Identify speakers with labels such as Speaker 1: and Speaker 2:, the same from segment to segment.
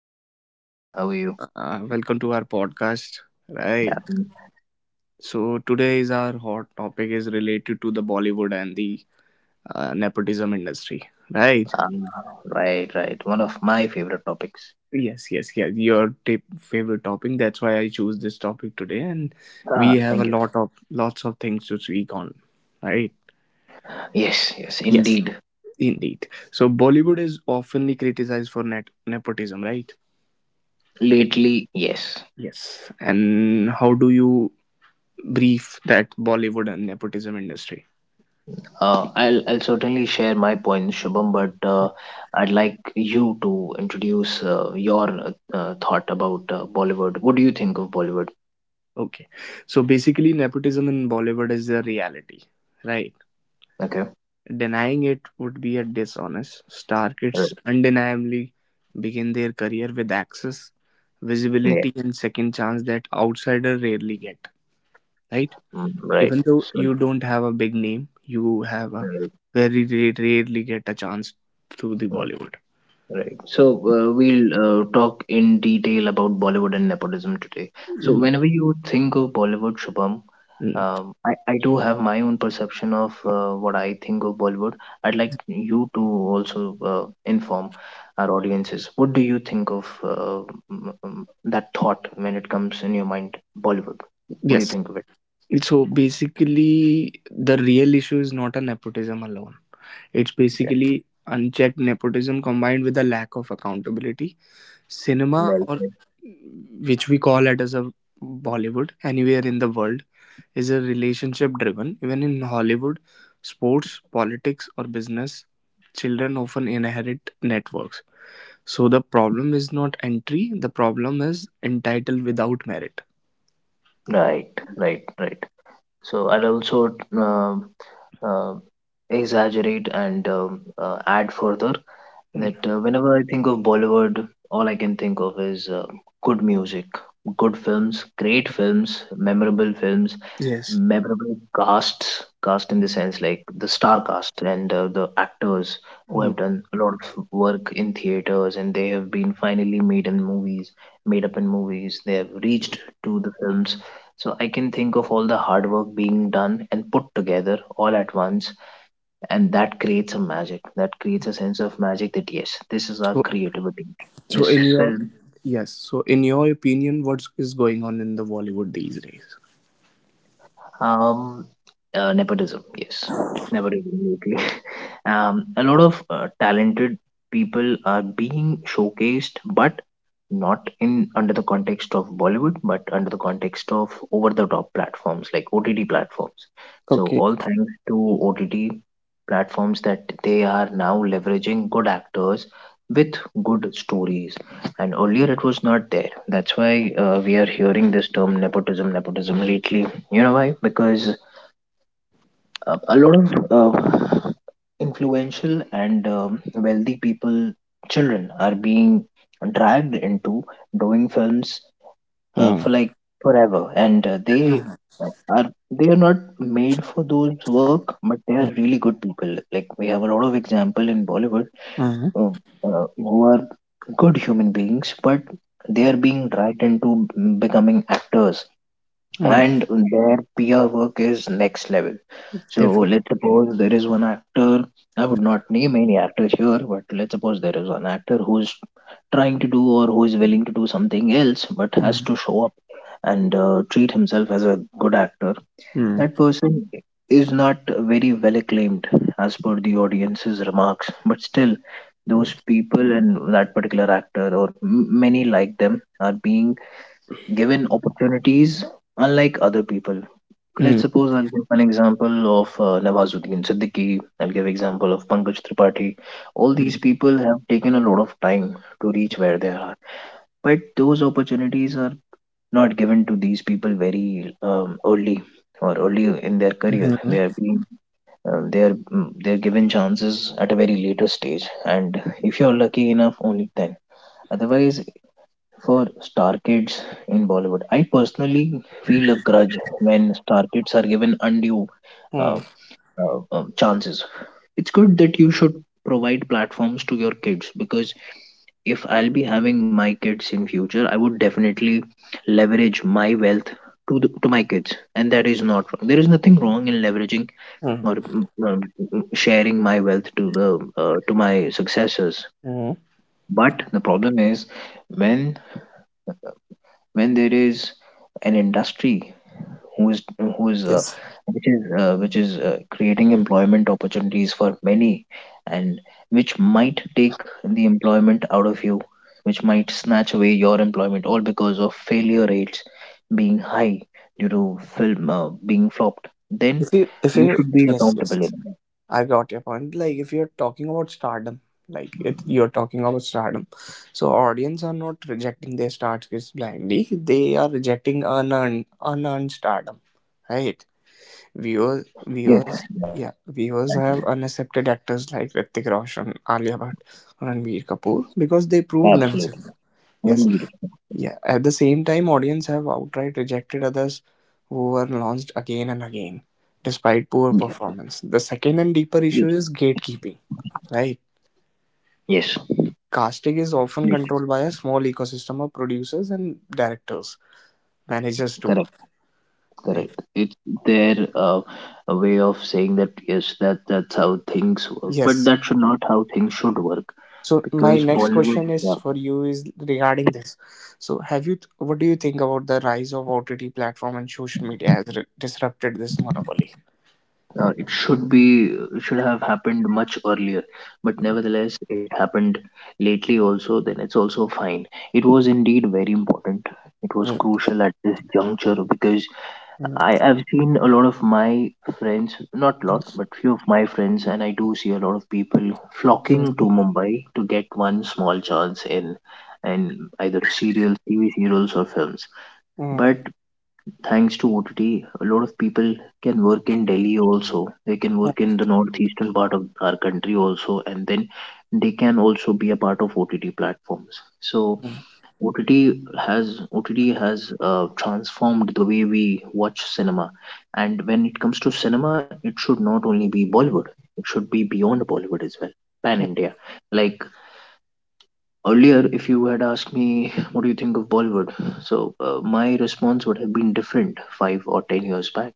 Speaker 1: Hi Shubham, all good. How are you?
Speaker 2: Welcome to our podcast. Right.
Speaker 1: Yeah.
Speaker 2: So today's our hot topic is related to the Bollywood and the nepotism industry. Right.
Speaker 1: Uh, right, right. One of my favorite topics.
Speaker 2: Yes. Yes. Yeah. Your tip, favorite topic. That's why I choose this topic today, and we
Speaker 1: Ah,
Speaker 2: have a
Speaker 1: thank you.
Speaker 2: lot of lots of things to speak on. Right.
Speaker 1: Yes, yes,
Speaker 2: Yes.
Speaker 1: indeed.
Speaker 2: Indeed. So Bollywood is oftenly criticized for net nepotism. Right.
Speaker 1: Lately, yes.
Speaker 2: Yes. And how do you brief that Bollywood and nepotism industry?
Speaker 1: I'll certainly share my points, Shubham, but I'd like you to introduce your thought about Bollywood. What do you think of Bollywood?
Speaker 2: Okay. So basically, nepotism in Bollywood is a reality, right?
Speaker 1: Okay.
Speaker 2: Denying it would be a dishonest. Star
Speaker 1: Right.
Speaker 2: kids undeniably begin their career with access,
Speaker 1: Yeah.
Speaker 2: visibility, and second chance that outsiders rarely get, right?
Speaker 1: Mm, right.
Speaker 2: Even though
Speaker 1: So,
Speaker 2: you don't have a big name, you have a
Speaker 1: right,
Speaker 2: rarely get a chance to the
Speaker 1: right.
Speaker 2: Bollywood.
Speaker 1: Right. So we'll talk in detail about Bollywood and nepotism today. So
Speaker 2: Mm,
Speaker 1: whenever you think of Bollywood, Shubham,
Speaker 2: mm.
Speaker 1: I do have my own perception of what I think of Bollywood. I'd like you to also inform our audiences. What do you think of that thought when it comes in your mind, Bollywood? What do you
Speaker 2: Yes.
Speaker 1: think of it?
Speaker 2: So basically, the real issue is not a nepotism alone. It's
Speaker 1: Yeah.
Speaker 2: basically unchecked nepotism combined with a lack of accountability. Cinema,
Speaker 1: Well
Speaker 2: or
Speaker 1: said.
Speaker 2: which we call it as a Bollywood, anywhere in the world, is a relationship driven. Even in Hollywood, sports, politics, or business, children often inherit networks. So the problem is not entry, the problem is entitled without merit.
Speaker 1: Right, right, right. So I'll also uh, exaggerate and add further
Speaker 2: Hmm.
Speaker 1: that whenever I think of Bollywood, all I can think of is good music, good films, great films,
Speaker 2: Yes.
Speaker 1: memorable cast in the sense like the star cast and the actors who
Speaker 2: Mhm.
Speaker 1: have done a lot of work in theaters, and they have been finally made up in movies. They have reached to the films, so I can think of all the hard work being done and put together all at once, and that creates a magic, that creates a sense of magic that yes, this is our
Speaker 2: So,
Speaker 1: creativity,
Speaker 2: so
Speaker 1: this
Speaker 2: in your
Speaker 1: film.
Speaker 2: Yes, so in your opinion, what is going on in the Bollywood these days?
Speaker 1: Um, Nepotism, yes, nepotism. Okay. A lot of talented people are being showcased, but not in under the context of Bollywood, but under the context of over-the-top platforms like OTT platforms. So
Speaker 2: Okay.
Speaker 1: all thanks to OTT platforms that they are now leveraging good actors with good stories, and earlier it was not there. That's why we are hearing this term nepotism, nepotism lately. You know why? Because a lot of influential and wealthy people, children, are being dragged into doing films
Speaker 2: Mm.
Speaker 1: for like forever, and
Speaker 2: Mm.
Speaker 1: they are not made for those work, but they are
Speaker 2: Mm.
Speaker 1: really good people. Like, we have a lot of example in Bollywood
Speaker 2: Mm.
Speaker 1: uh, who are good human beings, but they are being dragged into becoming actors,
Speaker 2: Mm.
Speaker 1: and their peer work is next level. So
Speaker 2: Definitely.
Speaker 1: let's suppose there is one actor. I would not name any actors here, but let's suppose there is one actor who is trying to do or who is willing to do something else but has
Speaker 2: Mm.
Speaker 1: to show up and treat himself as a good actor.
Speaker 2: Mm.
Speaker 1: That person is not very well acclaimed as per the audience's remarks, but still,
Speaker 2: Mm.
Speaker 1: those people and that particular actor, or many like them, are being given opportunities unlike other people. Let's
Speaker 2: Mm.
Speaker 1: suppose I'll give an example of Nawazuddin Siddiqui, I'll give example of Pankaj Tripathi. All these
Speaker 2: Mm.
Speaker 1: people have taken a lot of time to reach where they are. But those opportunities are not given to these people very early, or early in their career. They
Speaker 2: Mm.
Speaker 1: are being they are mm, they are given chances at a very later stage, and if you're lucky enough, only then. Otherwise, for star kids in Bollywood. I personally feel a grudge when star kids are given undue
Speaker 2: Mm.
Speaker 1: uh, chances. It's good that you should provide platforms to your kids, because if I'll be having my kids in future, I would definitely leverage my wealth to my kids, and that is not wrong. There is nothing wrong in leveraging
Speaker 2: Mm.
Speaker 1: or sharing my wealth to the to my successors.
Speaker 2: Mm.
Speaker 1: But the problem is, when there is an industry who is
Speaker 2: Yes.
Speaker 1: which is which is creating employment opportunities for many, and which might take the employment out of you, which might snatch away your employment, all because of failure rates being high due to film being flopped, then
Speaker 2: If
Speaker 1: you
Speaker 2: you,
Speaker 1: should be
Speaker 2: Yes,
Speaker 1: accountable in
Speaker 2: yes.
Speaker 1: that.
Speaker 2: I got your point. Like, if you're talking about stardom, you're talking about stardom. So, audience are not rejecting their stars blindly. They are rejecting unearned stardom, right? Viewers,
Speaker 1: Yes,
Speaker 2: viewers,
Speaker 1: exactly.
Speaker 2: yeah, viewers have unaccepted actors like Ritik Roshan, Alia Bhatt, Ranbir Kapoor because they
Speaker 1: Absolutely.
Speaker 2: proved
Speaker 1: Very
Speaker 2: themselves.
Speaker 1: beautiful.
Speaker 2: Yes, yeah. At the same time, audience have outright rejected others who were launched again and again, despite poor
Speaker 1: Yes,
Speaker 2: performance. The second and deeper
Speaker 1: yes,
Speaker 2: issue is gatekeeping. Right,
Speaker 1: yes.
Speaker 2: casting is often
Speaker 1: Yes.
Speaker 2: controlled by a small ecosystem of producers and directors, managers too.
Speaker 1: Correct.
Speaker 2: Right.
Speaker 1: Correct. It's their a way of saying that yes, that that's how things work, but
Speaker 2: Yes,
Speaker 1: that should not how things should work,
Speaker 2: so my
Speaker 1: because
Speaker 2: next
Speaker 1: Bollywood,
Speaker 2: question is
Speaker 1: yeah,
Speaker 2: for you is regarding this. So have you What do you think about the rise of OTT platform and social media has disrupted this monopoly?
Speaker 1: it should be, it should have happened much earlier, but
Speaker 2: Mm,
Speaker 1: nevertheless, it happened lately also. Then it's also fine. It was indeed very important. It was
Speaker 2: mm,
Speaker 1: crucial at this juncture because
Speaker 2: mm, mm,
Speaker 1: I have seen a lot of my friends, not lot, but few of my friends, and I do see a lot of people
Speaker 2: mm,
Speaker 1: flocking to Mumbai to get one small chance in either serials, TV serials, or films.
Speaker 2: mm,
Speaker 1: But thanks to OTT, a lot of people can work in Delhi also. They can work in the northeastern part of our country also, and then they can also be a part of OTT platforms. So OTT has OTT has transformed the way we watch cinema, and when it comes to cinema, it should not only be Bollywood; it should be beyond Bollywood as well, pan
Speaker 2: mm,
Speaker 1: India. Like earlier, if you had asked me, "What do you think of Bollywood?" so my response would have been different 5 or 10 years back.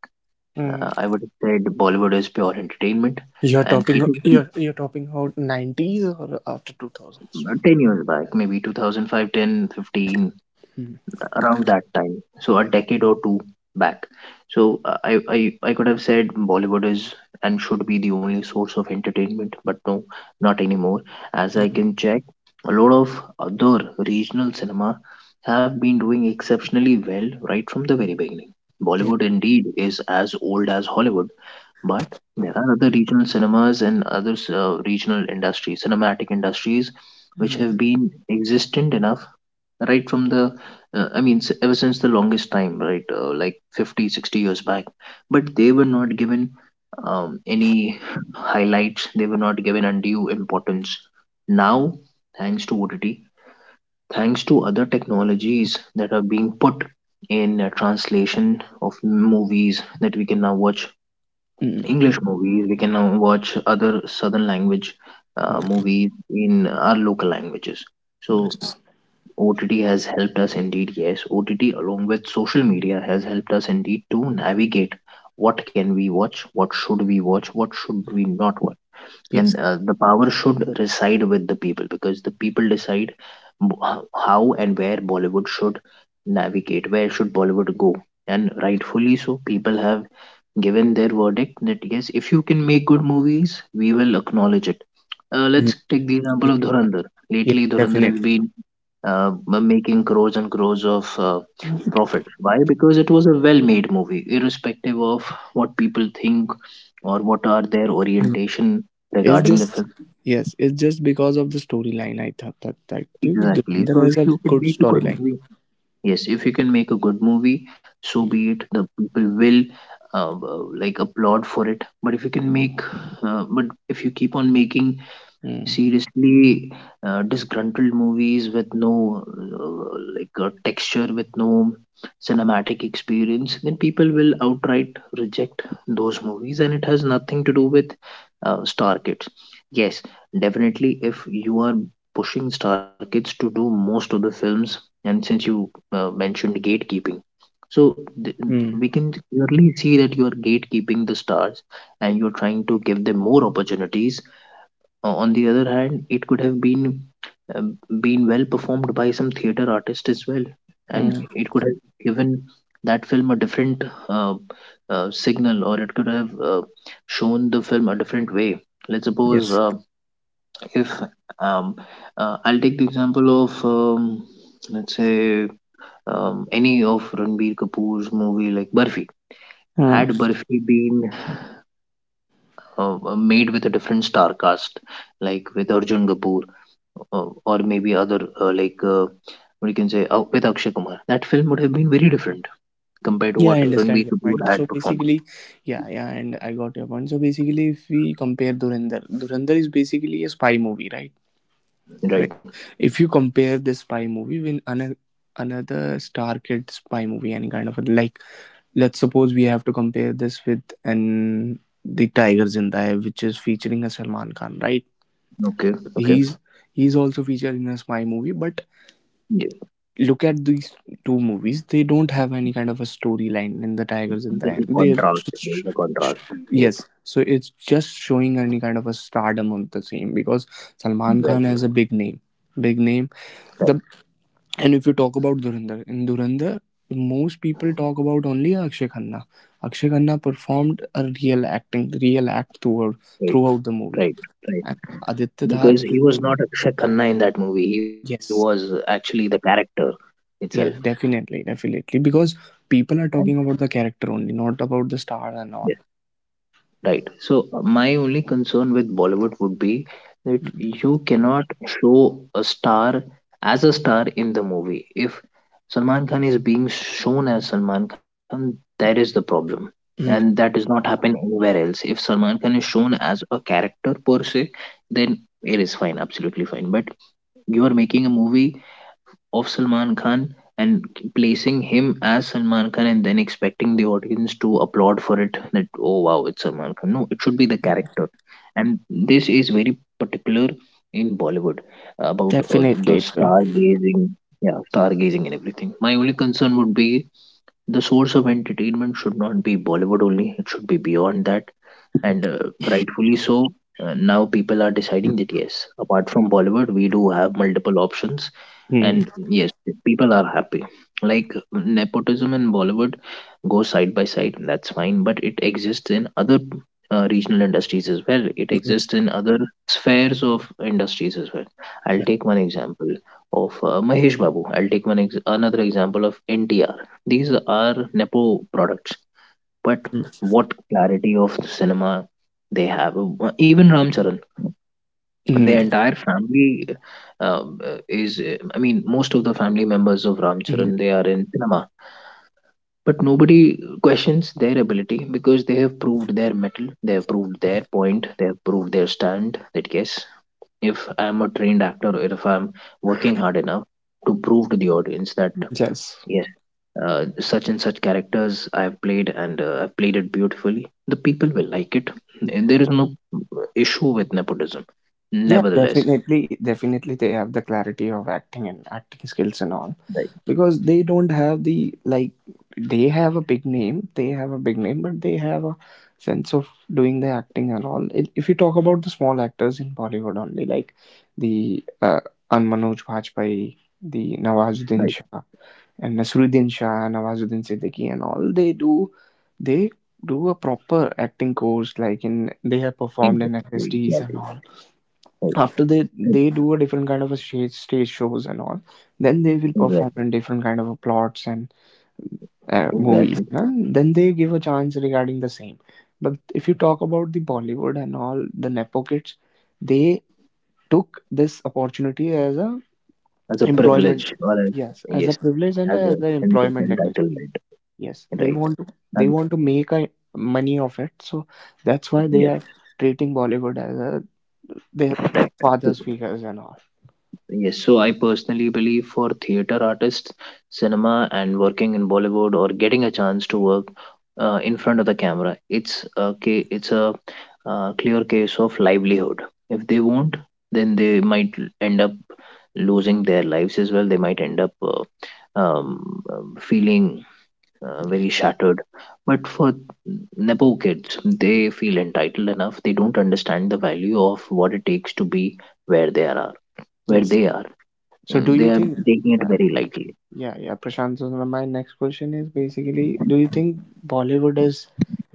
Speaker 2: mm.
Speaker 1: I would have said Bollywood is pure entertainment,
Speaker 2: You're
Speaker 1: and
Speaker 2: talking
Speaker 1: it would be
Speaker 2: you're you're talking about 90s or after 2000s?
Speaker 1: 10 years back, maybe 2005, ten, 15,
Speaker 2: Mm,
Speaker 1: around that time, so a decade or two back. So I could have said Bollywood is and should be the only source of entertainment, but no, not anymore. As I
Speaker 2: mm,
Speaker 1: can check, a lot of other regional cinema have been doing exceptionally well right from the very beginning.
Speaker 2: yeah.
Speaker 1: Bollywood indeed is as old as Hollywood, but there are other regional cinemas and other regional industries, cinematic industries, which
Speaker 2: Mm,
Speaker 1: have been existent enough right from the ever since the longest time, right, like 50, 60 years back, but they were not given any highlights. They were not given undue importance. Now, thanks to OTT, thanks to other technologies that are being put in translation of movies, that we can now watch
Speaker 2: mm,
Speaker 1: English movies, we can now watch other southern language
Speaker 2: mm,
Speaker 1: movies in our local languages. So
Speaker 2: yes.
Speaker 1: OTT has helped us indeed, yes. OTT, along with social media, has helped us indeed to navigate what can we watch, what should we watch, what should we not watch. And
Speaker 2: Yes.
Speaker 1: the power should reside with the people, because the people decide how and where Bollywood should navigate, where should Bollywood go. And rightfully so, people have given their verdict that yes, if you can make good movies, we will acknowledge it.
Speaker 2: Mm,
Speaker 1: Let's take the
Speaker 2: mm,
Speaker 1: example of Dhurandhar.
Speaker 2: yes,
Speaker 1: Lately, Dhurandhar has
Speaker 2: definitely.
Speaker 1: been making crores and crores of profit. Why? Because it was a well-made movie, irrespective of what people think or what are their orientation
Speaker 2: It's
Speaker 1: regarding the
Speaker 2: just
Speaker 1: film.
Speaker 2: Yes, it's just because of the storyline. I thought that
Speaker 1: Exactly. So
Speaker 2: Dhurandhar
Speaker 1: if
Speaker 2: has a
Speaker 1: you can
Speaker 2: good
Speaker 1: make a good
Speaker 2: storyline.
Speaker 1: movie, yes, if you can make a good movie, so
Speaker 2: Yeah.
Speaker 1: be it. The people will like applaud for it. But if you can make, but if you keep on making
Speaker 2: Mm.
Speaker 1: seriously disgruntled movies with no like texture, with no cinematic experience, then people will outright reject those movies, and it has nothing to do with star kids. Yes, definitely, if you are pushing star kids to do most of the films, and since you mentioned gatekeeping, so we
Speaker 2: Mm.
Speaker 1: can clearly see that you are gatekeeping the stars and you're trying to give them more opportunities. On the other hand, it could have been um, well performed by some theater artist as well, and
Speaker 2: Mm.
Speaker 1: it could have given that film a different uh, signal, or it could have shown the film a different way. Let's suppose
Speaker 2: Yes.
Speaker 1: if um, I'll take the example of let's say any of Ranbir Kapoor's movie like Burfi.
Speaker 2: Uh,
Speaker 1: Had Burfi been made with a different star cast, like with Arjun Kapoor, or maybe other, like what you can say with Akshay Kumar. That film would have been very different compared to
Speaker 2: yeah,
Speaker 1: what
Speaker 2: I understand
Speaker 1: Ranbir
Speaker 2: your point.
Speaker 1: Kapoor
Speaker 2: So
Speaker 1: had performed.
Speaker 2: basically, yeah, yeah, and I got your point. So basically, if we compare Dhurandhar, Dhurandhar is basically a spy movie, right? Right.
Speaker 1: Right?
Speaker 2: If you compare this spy movie with another star kid spy movie, any kind of a, like, let's suppose we have to compare this with an, the Tiger Zinda Hai, which is featuring a Salman Khan, right?
Speaker 1: Okay. Okay.
Speaker 2: He's he's also featured in a spy movie, but
Speaker 1: Yeah.
Speaker 2: look at these two movies; they don't have any kind of a storyline in the Tiger Zinda
Speaker 1: There's a
Speaker 2: Hai. They
Speaker 1: contrast. There's a contrast.
Speaker 2: yes,
Speaker 1: Yes.
Speaker 2: so it's just showing any kind of a stardom on the same because Salman Khan has a
Speaker 1: Exactly.
Speaker 2: big name, big name.
Speaker 1: Right.
Speaker 2: The and if you talk about Dhurandhar, in Dhurandhar, most people talk about only Akshay Khanna. Akshay Khanna performed a real acting, real act
Speaker 1: Right.
Speaker 2: throughout the movie.
Speaker 1: Right. Right.
Speaker 2: And Aditya Dhar,
Speaker 1: Because he was not Akshay Khanna in that movie. He was
Speaker 2: yes,
Speaker 1: actually the character itself.
Speaker 2: yes, definitely, definitely. Because people are
Speaker 1: And
Speaker 2: talking about the character only, not about the star and all.
Speaker 1: right. So my only concern with Bollywood would be that you cannot show a star as a star in the movie. If Salman Khan is being shown as Salman Khan, that is the problem. And
Speaker 2: Mm.
Speaker 1: that does not happen anywhere else. If Salman Khan is shown as a character per se, then it is fine, absolutely fine. But you are making a movie of Salman Khan and placing him as Salman Khan and then expecting the audience to applaud for it that, oh wow, it's Salman Khan. No, it should be the character. And this is very particular in Bollywood about the
Speaker 2: Definitely, it will.
Speaker 1: stargazing. Yeah, stargazing and everything. My only concern would be the source of entertainment should not be Bollywood only, it should be beyond that. And rightfully so, now people are deciding that yes, apart from Bollywood, we do have multiple options.
Speaker 2: Mm.
Speaker 1: And yes, people are happy. Like, nepotism in Bollywood goes side by side, that's fine, but it exists in other regional industries as well. It exists
Speaker 2: Yes.
Speaker 1: in other spheres of industries as well. I'll
Speaker 2: Yeah.
Speaker 1: take one example of Mahesh Babu. I'll take another example of NTR. These are Nepo products, but what clarity of cinema they have. Even Ram Charan, their
Speaker 2: Mm.
Speaker 1: entire family I mean, most of the family members of Ram Charan,
Speaker 2: Mm.
Speaker 1: they are in cinema. But nobody questions their ability because they have proved their metal, they have proved their point, they have proved their stand that yes, if I'm a trained actor or if I'm working hard enough to prove to the audience that
Speaker 2: Yes.
Speaker 1: yes, such and such characters I've played and I've played it beautifully. The people will like it. And there is no issue with nepotism.
Speaker 2: Yeah,
Speaker 1: Nevertheless,
Speaker 2: definitely, definitely they have the clarity of acting and acting skills and all,
Speaker 1: right,
Speaker 2: because they don't have the like, they have a big name, they have a big name, but they have a sense of doing the acting and all. If you talk about the small actors in Bollywood only, like the An Manoj Bajpayee, the Nawazuddin
Speaker 1: right,
Speaker 2: Shah, and Nasruddin Shah, Nawazuddin Siddiqui, and all they do a proper acting course. Like, in they have performed in
Speaker 1: exactly,
Speaker 2: FSDs and
Speaker 1: exactly,
Speaker 2: all,
Speaker 1: right,
Speaker 2: after they do a different kind of a stage shows and all, then they will perform
Speaker 1: exactly,
Speaker 2: in different kind of a plots and movies,
Speaker 1: exactly.
Speaker 2: and then they give a chance regarding the same. But if you talk about the Bollywood and all the Nepo kids, they took this opportunity as a
Speaker 1: As a
Speaker 2: employment.
Speaker 1: privilege or as,
Speaker 2: Yes, as a
Speaker 1: yes,
Speaker 2: privilege and
Speaker 1: as a
Speaker 2: as an
Speaker 1: sense of
Speaker 2: employment industry.
Speaker 1: entitlement,
Speaker 2: Yes,
Speaker 1: right? As,
Speaker 2: they want to make a money of it, so that's why they are
Speaker 1: yes,
Speaker 2: treating Bollywood as a, their
Speaker 1: right.
Speaker 2: father's figures and all.
Speaker 1: Yes, so I personally believe for theater artists, cinema, and working in Bollywood or getting a chance to work in front of the camera, it's a clear case of livelihood. If they won't, then they might end up losing their lives as well. They might end up feeling very shattered. But for nepo kids, they feel entitled enough. They don't understand the value of what it takes to be where they are, where
Speaker 2: Yes.
Speaker 1: they are.
Speaker 2: So do you
Speaker 1: They are
Speaker 2: think
Speaker 1: taking it
Speaker 2: Yeah,
Speaker 1: very lightly.
Speaker 2: yeah, yeah, Prashant, so my next question is basically, do you think Bollywood is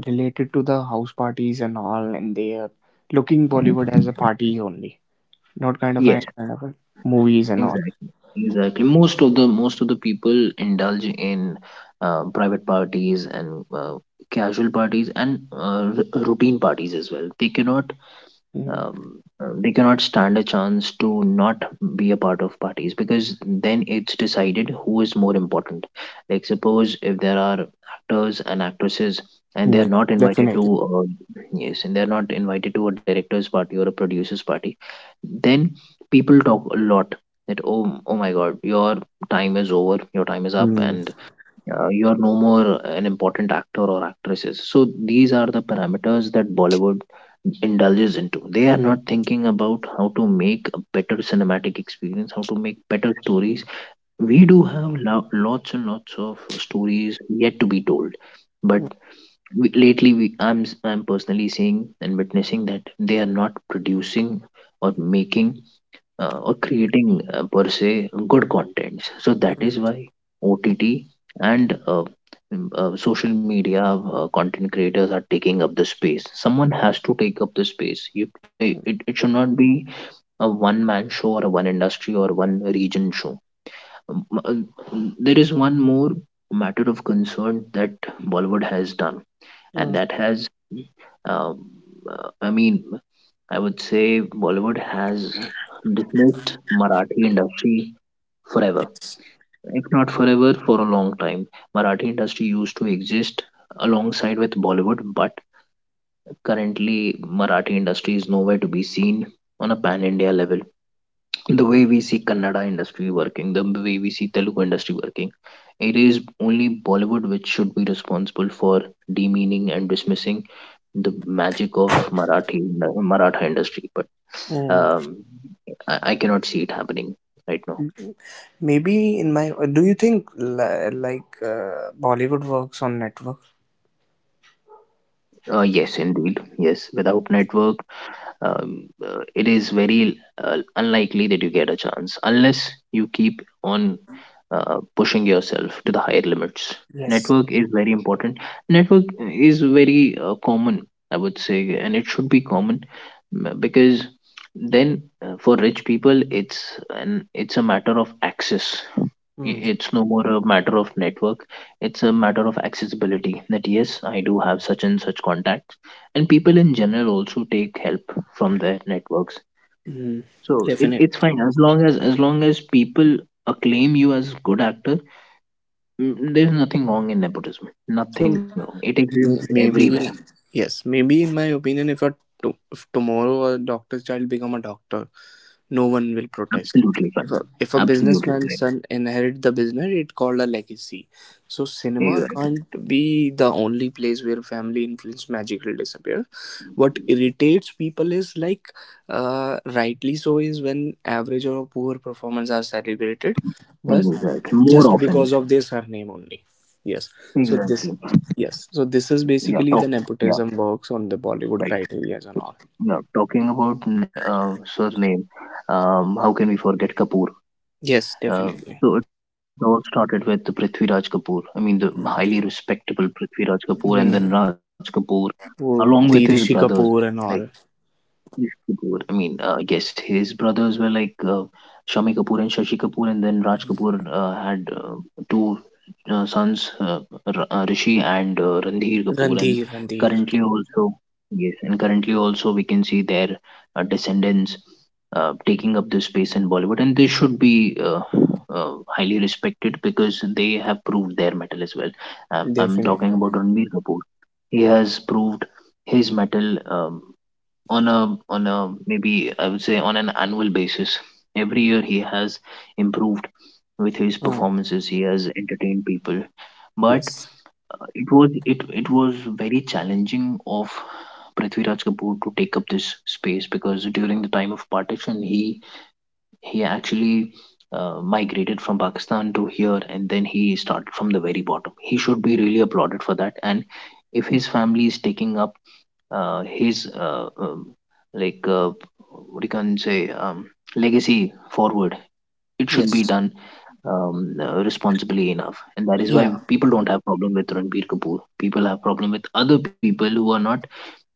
Speaker 2: related to the house parties and all, and they are looking Bollywood as a party only, not
Speaker 1: Yes,
Speaker 2: kind of a movies and all?
Speaker 1: exactly, exactly. Most of the most of the people indulge in private parties and casual parties and routine parties as well. They cannot
Speaker 2: Mm,
Speaker 1: they cannot stand a chance to not be a part of parties, because then it's decided who is more important. Like, suppose if there are actors and actresses and they're
Speaker 2: mm,
Speaker 1: not invited to,
Speaker 2: definitely.
Speaker 1: yes, and they're not invited to a director's party or a producer's party, then people talk a lot that, oh, oh my God, your time is over, your time is up,
Speaker 2: Mm.
Speaker 1: and you are no more an important actor or actresses. So these are the parameters that Bollywood indulges into. They are not thinking about how to make a better cinematic experience, how to make better stories.
Speaker 2: Mm,
Speaker 1: We do have lots and lots of stories yet to be told, but we, lately we I'm personally seeing and witnessing that they are not producing or making or creating per se good contents. So that
Speaker 2: mm,
Speaker 1: is why OTT and social media content creators are taking up the space. Someone has to take up the space.
Speaker 2: mm,
Speaker 1: It should not be a one man show or a one industry or one region show. Um, There is one more matter of concern that Bollywood has done, and
Speaker 2: mm.
Speaker 1: that has, um, I mean, I would say Bollywood has dismissed Marathi industry forever.
Speaker 2: Yes.
Speaker 1: If not forever, for a long time. Marathi industry used to exist alongside with Bollywood, but currently Marathi industry is nowhere to be seen on a pan-India level. The way we see Kannada industry working, the way we see Telugu industry working, it is only Bollywood which should be responsible for demeaning and dismissing the magic of Marathi Maratha industry, but
Speaker 2: Mm.
Speaker 1: um, I cannot see it happening right now.
Speaker 2: Maybe in my Do you think like Bollywood works on network?
Speaker 1: Yes, indeed. Yes, without network, it is very unlikely that you get a chance unless you keep on pushing yourself to the higher limits.
Speaker 2: Yes.
Speaker 1: Network is very important. Network is very common, I would say, and it should be common because then for rich people it's a matter of access.
Speaker 2: Mm.
Speaker 1: It's no more a matter of network, it's a matter of accessibility, that yes, I do have such and such contacts, and people in general also take help from their networks.
Speaker 2: Mm.
Speaker 1: So
Speaker 2: Definitely.
Speaker 1: it's fine as long as people acclaim you as good actor. Mm, there's nothing wrong in nepotism, nothing wrong, it exists everywhere.
Speaker 2: Maybe, yes, maybe in my opinion, if a to, if tomorrow a doctor's child become a doctor, no one will protest.
Speaker 1: Absolutely
Speaker 2: if a,
Speaker 1: fine.
Speaker 2: if a
Speaker 1: Absolutely
Speaker 2: businessman's
Speaker 1: right.
Speaker 2: son inherit the business, it's called a legacy. So cinema
Speaker 1: Exactly,
Speaker 2: can't be the only place where family influence magically disappear. What irritates people is like, rightly so, is when average or poor performance are celebrated, but
Speaker 1: exactly, more
Speaker 2: just
Speaker 1: often,
Speaker 2: because of their surname only. Yes. so this
Speaker 1: exactly.
Speaker 2: Yes, so this is
Speaker 1: Yeah, talk,
Speaker 2: basically, the
Speaker 1: yeah,
Speaker 2: nepotism works on the Bollywood
Speaker 1: right.
Speaker 2: criteria and all.
Speaker 1: No, talking about surname, how can we forget Kapoor?
Speaker 2: Yes,
Speaker 1: Uh,
Speaker 2: definitely.
Speaker 1: so it all started with the Prithviraj Kapoor. I mean, the highly respectable Prithviraj Kapoor and
Speaker 2: Hmm.
Speaker 1: then Raj Kapoor, along
Speaker 2: Or
Speaker 1: with his
Speaker 2: the Rishi
Speaker 1: brothers.
Speaker 2: Kapoor and
Speaker 1: Like
Speaker 2: all.
Speaker 1: Yash Kapoor. I mean, yes, his brothers were like Shami Kapoor and Shashi Kapoor, and then Raj Kapoor had two sons, Rishi and Randhir Kapoor. And
Speaker 2: Randhir,
Speaker 1: currently also, yes, and currently also we can see their descendants taking this space in Bollywood, and they should be highly respected because they have proved their metal as well. I'm talking
Speaker 2: definitely.
Speaker 1: about Ranbir Kapoor. He has proved his metal. On a maybe I would say on an annual basis. Every year he has improved with his
Speaker 2: Hmm.
Speaker 1: performances. He has entertained people, but
Speaker 2: Yes,
Speaker 1: it was very challenging of Prithviraj Kapoor to take up this space, because during the time of partition he actually, migrated from Pakistan to here and then he started from the very bottom. He should be really applauded for that. And if his family is taking up his like what you can say, legacy forward, it should be
Speaker 2: yes.
Speaker 1: done responsibly enough, and that is why
Speaker 2: Yeah.
Speaker 1: people don't have problem with Ranbir Kapoor. People have problem with other people who are not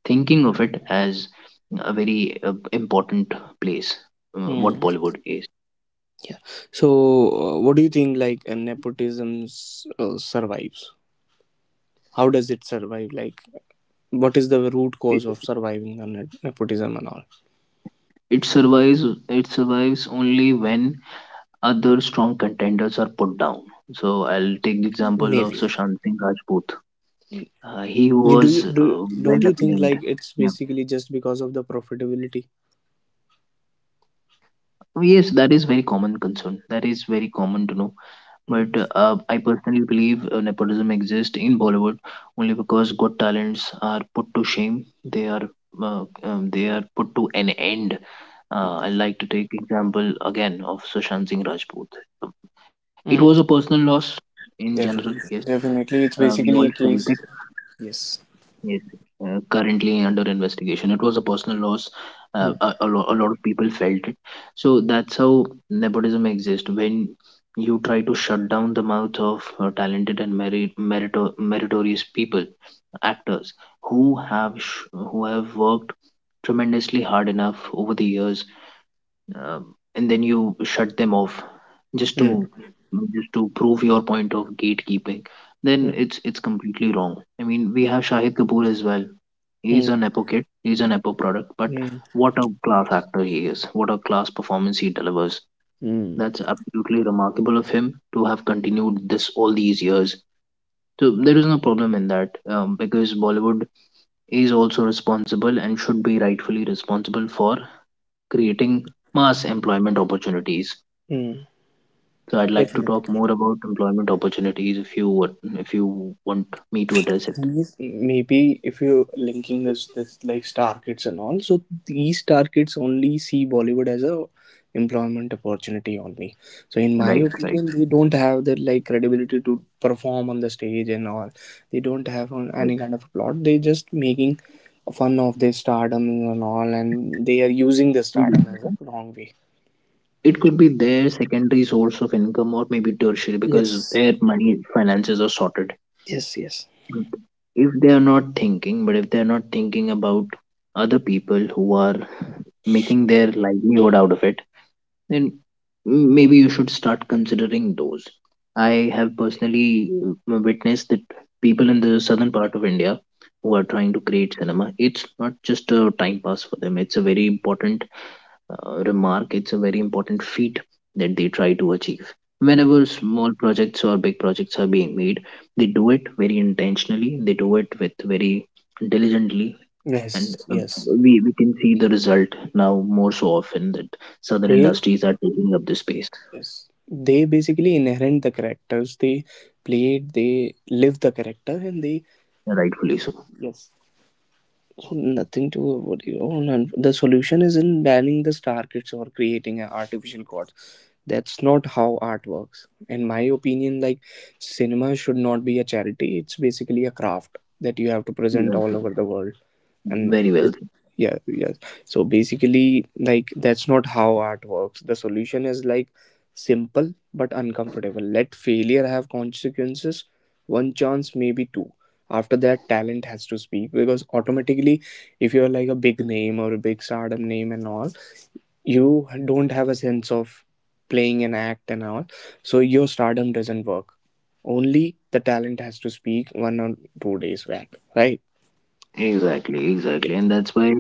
Speaker 1: thinking of it as a very important place, what
Speaker 2: Hmm.
Speaker 1: Bollywood is.
Speaker 2: Yeah, so what do you think, like, nepotism survives, how does it survive, like, what is the root
Speaker 1: it,
Speaker 2: cause of surviving the nepotism and all?
Speaker 1: it survives, it survives only when other strong contenders are put down. So I'll take the example
Speaker 2: Maybe
Speaker 1: of Sushant Singh Rajput. He
Speaker 2: You
Speaker 1: was
Speaker 2: do don't
Speaker 1: well
Speaker 2: you think,
Speaker 1: acclaimed.
Speaker 2: like, it's
Speaker 1: Yeah.
Speaker 2: basically just because of the profitability?
Speaker 1: Oh, yes, that is very common concern. That is very common to know. But
Speaker 2: Mm.
Speaker 1: I personally believe nepotism exists in Bollywood only because good talents are put to shame. They are put to an end. I like to take example again of Sushant Singh Rajput. Um, It was a
Speaker 2: Mm.
Speaker 1: personal loss in general. Yes,
Speaker 2: Definitely, definitely, it's
Speaker 1: we all
Speaker 2: basically a
Speaker 1: felt it.
Speaker 2: case. Yes.
Speaker 1: Yes, currently under investigation. It was a personal loss.
Speaker 2: Mm.
Speaker 1: A lot of people felt it. So that's how nepotism exists. When you try to shut down the mouth of talented and meritorious people, actors who have worked tremendously hard enough over the years, and then you shut them off just
Speaker 2: Mm.
Speaker 1: to just to prove your point of gatekeeping. Then
Speaker 2: Mm.
Speaker 1: it's it's completely wrong. I mean, we have Shahid Kapoor as well.
Speaker 2: Mm.
Speaker 1: He's an Apo kid. He's an Apo product. But
Speaker 2: Mm.
Speaker 1: what a class actor he is. What a class performance he delivers.
Speaker 2: Mm.
Speaker 1: That's absolutely remarkable of him to have continued this all these years. So there is no problem in that, because Bollywood is also responsible and should be rightfully responsible for creating mass employment opportunities.
Speaker 2: Mm.
Speaker 1: So I'd like to
Speaker 2: Definitely.
Speaker 1: talk more about employment opportunities if you would- if you want me to address it.
Speaker 2: These, maybe, if you're linking this like star kids and all, so these star kids only see Bollywood as a employment opportunity only, so in my
Speaker 1: Right, right,
Speaker 2: opinion they don't have the like credibility to perform on the stage and all. They don't have on any kind of plot, they just making fun of their stardom and all, and they are using the stardom as
Speaker 1: right.
Speaker 2: a wrong way.
Speaker 1: It could be their secondary source of income or maybe tertiary, because
Speaker 2: Yes,
Speaker 1: their money finances are sorted.
Speaker 2: yes, yes.
Speaker 1: If they are not thinking about other people who are making their livelihood out of it, then maybe you should start considering those. I have personally witnessed that people in the southern part of India who are trying to create cinema, it's not just a time pass for them, it's a very important remark, it's a very important feat that they try to achieve.
Speaker 2: Mm.
Speaker 1: Whenever small projects or big projects are being made, they do it very intentionally, they do it with very diligently,
Speaker 2: Yes,
Speaker 1: and
Speaker 2: yes,
Speaker 1: we can see the result now more so often that southern
Speaker 2: they.
Speaker 1: industries are taking up the space,
Speaker 2: Yes. They basically inherit the characters. They played, they live the character, and they.
Speaker 1: rightfully so.
Speaker 2: Yes. So nothing to what you, oh, none. The solution is in banning the star kids or creating an artificial god. That's not how art works. In my opinion, like, cinema should not be a charity. It's basically a craft that you have to present
Speaker 1: Yeah.
Speaker 2: all over the world, and
Speaker 1: Very
Speaker 2: this,
Speaker 1: well.
Speaker 2: yeah, yes. So basically, like, that's not how art works. The solution is, like, simple but uncomfortable: let failure have consequences, one chance, maybe two. After that talent has to speak, because automatically, if you're like a big name or a big stardom name and all, you don't have a sense of playing an act and all, so your stardom doesn't work, only the talent has to speak 1 or 2 days back, right?
Speaker 1: Exactly, exactly. And that's why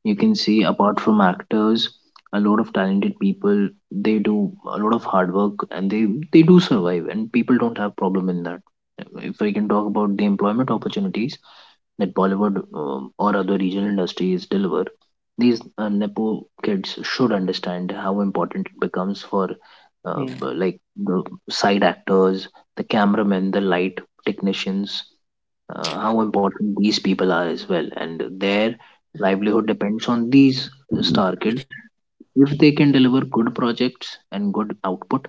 Speaker 1: you can see, apart from actors, a lot of talented people, they do a lot of hard work and they do survive, and people don't have problem in that. If I can talk about the employment opportunities that Bollywood or other regional industries deliver, these Nepo kids should understand how important it becomes for
Speaker 2: Yeah.
Speaker 1: b- like the side actors, the cameramen, the light technicians, how important these people are as well, and their livelihood depends on these star kids. If they can deliver good projects and good output,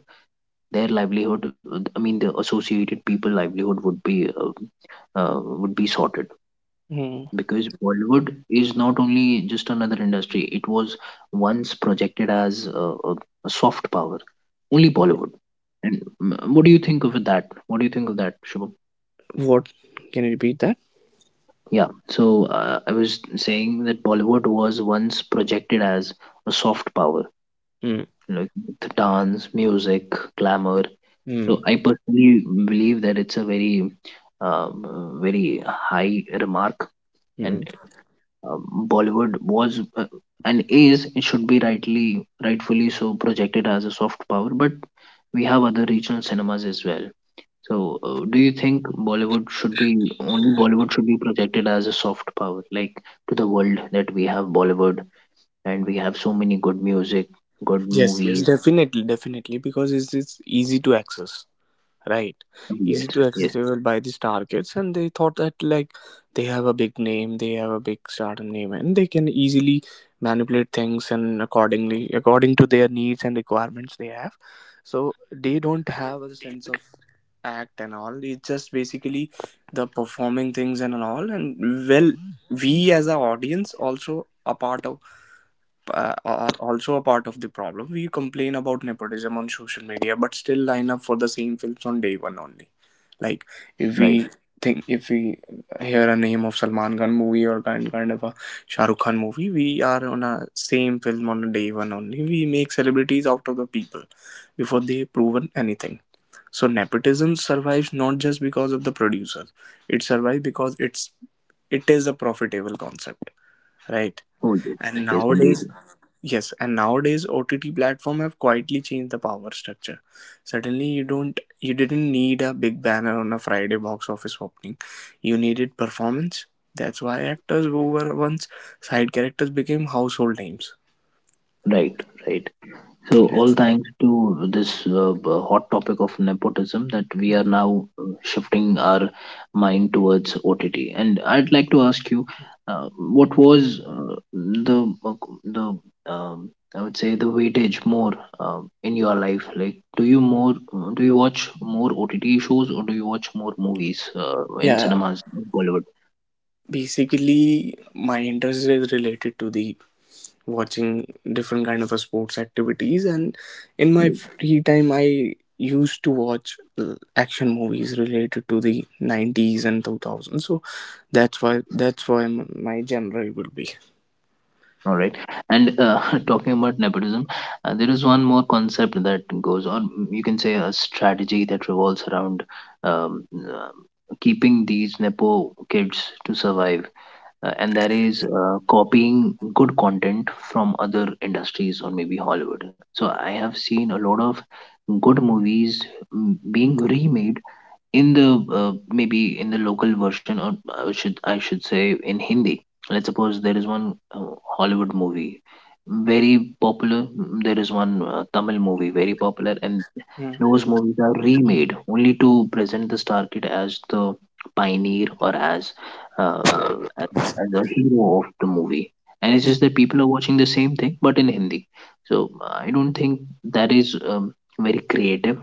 Speaker 1: their livelihood, I mean the associated people livelihood uh, would be sorted,
Speaker 2: Hmm. Hmm.
Speaker 1: because Bollywood is not only just another industry. It was once projected as a a soft power, only Bollywood. And what do you think of that, Shubham?
Speaker 2: What? Can you repeat that?
Speaker 1: Yeah, so I was saying that Bollywood was once projected as a soft power,
Speaker 2: Mm,
Speaker 1: like the dance, music, glamour. So
Speaker 2: mm,
Speaker 1: I personally believe that it's a very high remark. And
Speaker 2: mm.
Speaker 1: Bollywood was and is, it should be rightly, rightfully so projected as a soft power. But we have other regional cinemas as well, so, do you think Bollywood should be, only Bollywood should be projected as a soft power, like to the world, that we have Bollywood and we have so many good music, good
Speaker 2: Yes, yes,
Speaker 1: movies?
Speaker 2: definitely, definitely, because it's easy to access. Right, easy
Speaker 1: Yes,
Speaker 2: to
Speaker 1: yes.
Speaker 2: accessible by these targets, and they thought that like they have a big name, they have a big stardom name, and they can easily manipulate things and, accordingly, according to their needs and requirements they have, so they don't have a sense of act and all, it's just basically the performing things and all. And well, we as an audience also a part of are also a part of the problem. We complain about nepotism on social media, but still line up for the same films on day one only. Like,
Speaker 1: Right.
Speaker 2: if we think if we hear a name of Salman Khan movie or kind of a Shah Rukh Khan movie, we are on a same film on day one only. We make celebrities out of the people before they proven anything. So nepotism survives not just because of the producers. It survives because it is a profitable concept, right?
Speaker 1: Oh, yes,
Speaker 2: And
Speaker 1: yes, indeed.
Speaker 2: nowadays, yes, and nowadays OTT platform have quietly changed the power structure. Suddenly you don't you didn't need a big banner on a Friday box office opening. You needed performance. That's why actors who were once side characters became household names.
Speaker 1: Right, right. So, all
Speaker 2: Yes.
Speaker 1: thanks to this hot topic of nepotism, that we are now shifting our mind towards OTT. And I'd like to ask you, what was the um, I would say the weightage more in your life? Like, do you more do you watch more OTT shows, or do you watch more movies in
Speaker 2: Yeah,
Speaker 1: cinemas, Bollywood?
Speaker 2: basically my interest is related to the watching different kind of a sports activities, and in my free time I used to watch action movies related to the 90s and 2000s, so that's why my genre will be.
Speaker 1: All right. And talking about nepotism, there is one more concept that goes on. You can say a strategy that revolves around um, uh, keeping these Nepo kids to survive. And that is copying good content from other industries or maybe Hollywood. So I have seen a lot of good movies being remade in the maybe in the local version, or I should say in Hindi. Let's suppose there is one Hollywood movie, very popular. There is one Tamil movie, very popular, and
Speaker 2: Hmm.
Speaker 1: those movies are remade only to present the star kid as the pioneer, or as uh, uh, as, as a hero of the movie. And it's just that people are watching the same thing but in Hindi. So I don't think that is very creative.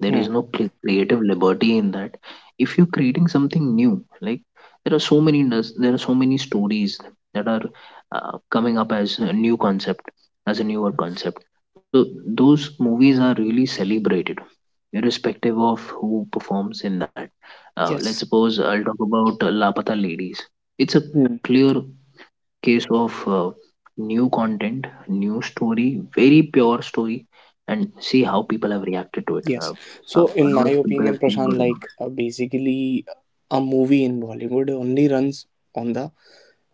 Speaker 1: There
Speaker 2: Hmm.
Speaker 1: is no creative liberty in that. If you're creating something new, like, there are so many there are so many stories that are coming up as a new concept, as a newer concept, so those movies are really celebrated, irrespective of who performs in that. Uh, let's suppose
Speaker 2: Yes.
Speaker 1: I'll talk about Lapata Ladies. It's a clear
Speaker 2: Hmm.
Speaker 1: case of new content, new story, very pure story, and see how people have reacted to it.
Speaker 2: Yes.
Speaker 1: A
Speaker 2: So,
Speaker 1: lot of
Speaker 2: in my
Speaker 1: people have given
Speaker 2: opinion,
Speaker 1: good remarks.
Speaker 2: Prashant, like, basically, a movie in Bollywood only runs on the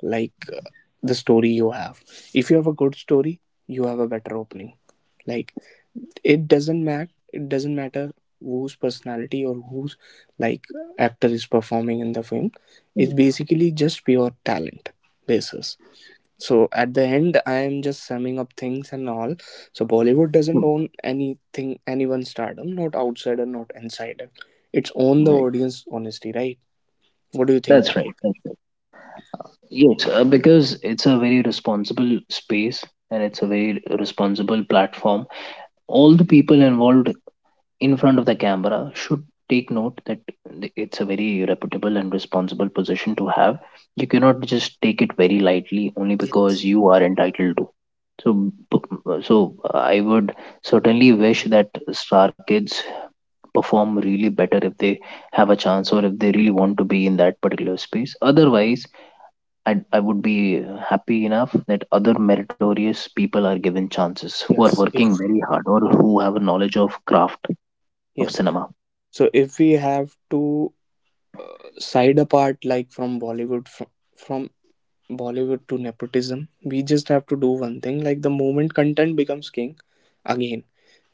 Speaker 2: like, the story you have. If you have a good story, you have a better opening. Like, it doesn't matter whose personality or whose, like, actor is performing in the film,
Speaker 1: Right.
Speaker 2: it's basically just pure talent basis. So at the end, I am just summing up things and all. So Bollywood
Speaker 1: Hmm.
Speaker 2: doesn't own anything, anyone's stardom, not outsider, not insider. It's own the
Speaker 1: Right.
Speaker 2: audience honesty, right? What do you think
Speaker 1: That's right.
Speaker 2: that?
Speaker 1: That's right. Yes, because it's a very responsible space and it's a very responsible platform. All the people involved in front of the camera should take note that it's a very reputable and responsible position to have. You cannot just take it very lightly only because
Speaker 2: Yes,
Speaker 1: you are entitled to. So, I would certainly wish that star kids perform really better if they have a chance, or if they really want to be in that particular space. Otherwise, I would be happy enough that other meritorious people are given chances, who are
Speaker 2: yes.
Speaker 1: working
Speaker 2: if
Speaker 1: very hard or who have a knowledge of craft of
Speaker 2: Yes,
Speaker 1: cinema.
Speaker 2: so if we have to side apart, like, from Bollywood, from Bollywood to nepotism, we just have to do one thing, like, the moment content becomes king again,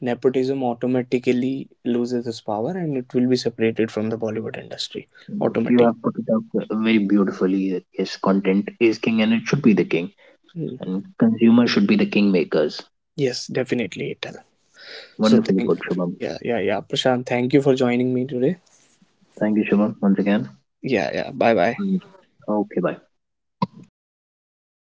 Speaker 2: nepotism automatically loses its power and it will be separated from the Bollywood industry
Speaker 1: You
Speaker 2: automatic.
Speaker 1: have put it up very beautifully. Yes, content is king, and it should be the king.
Speaker 2: Hmm.
Speaker 1: And consumers should be the kingmakers.
Speaker 2: Yes, definitely ital. So
Speaker 1: Wonderfully
Speaker 2: thank
Speaker 1: put, Shubham.
Speaker 2: Yeah, yeah, yeah, Prashant, thank you for joining me today.
Speaker 1: Thank you, Shubham, once again.
Speaker 2: Yeah, yeah, bye bye.
Speaker 1: And okay, bye.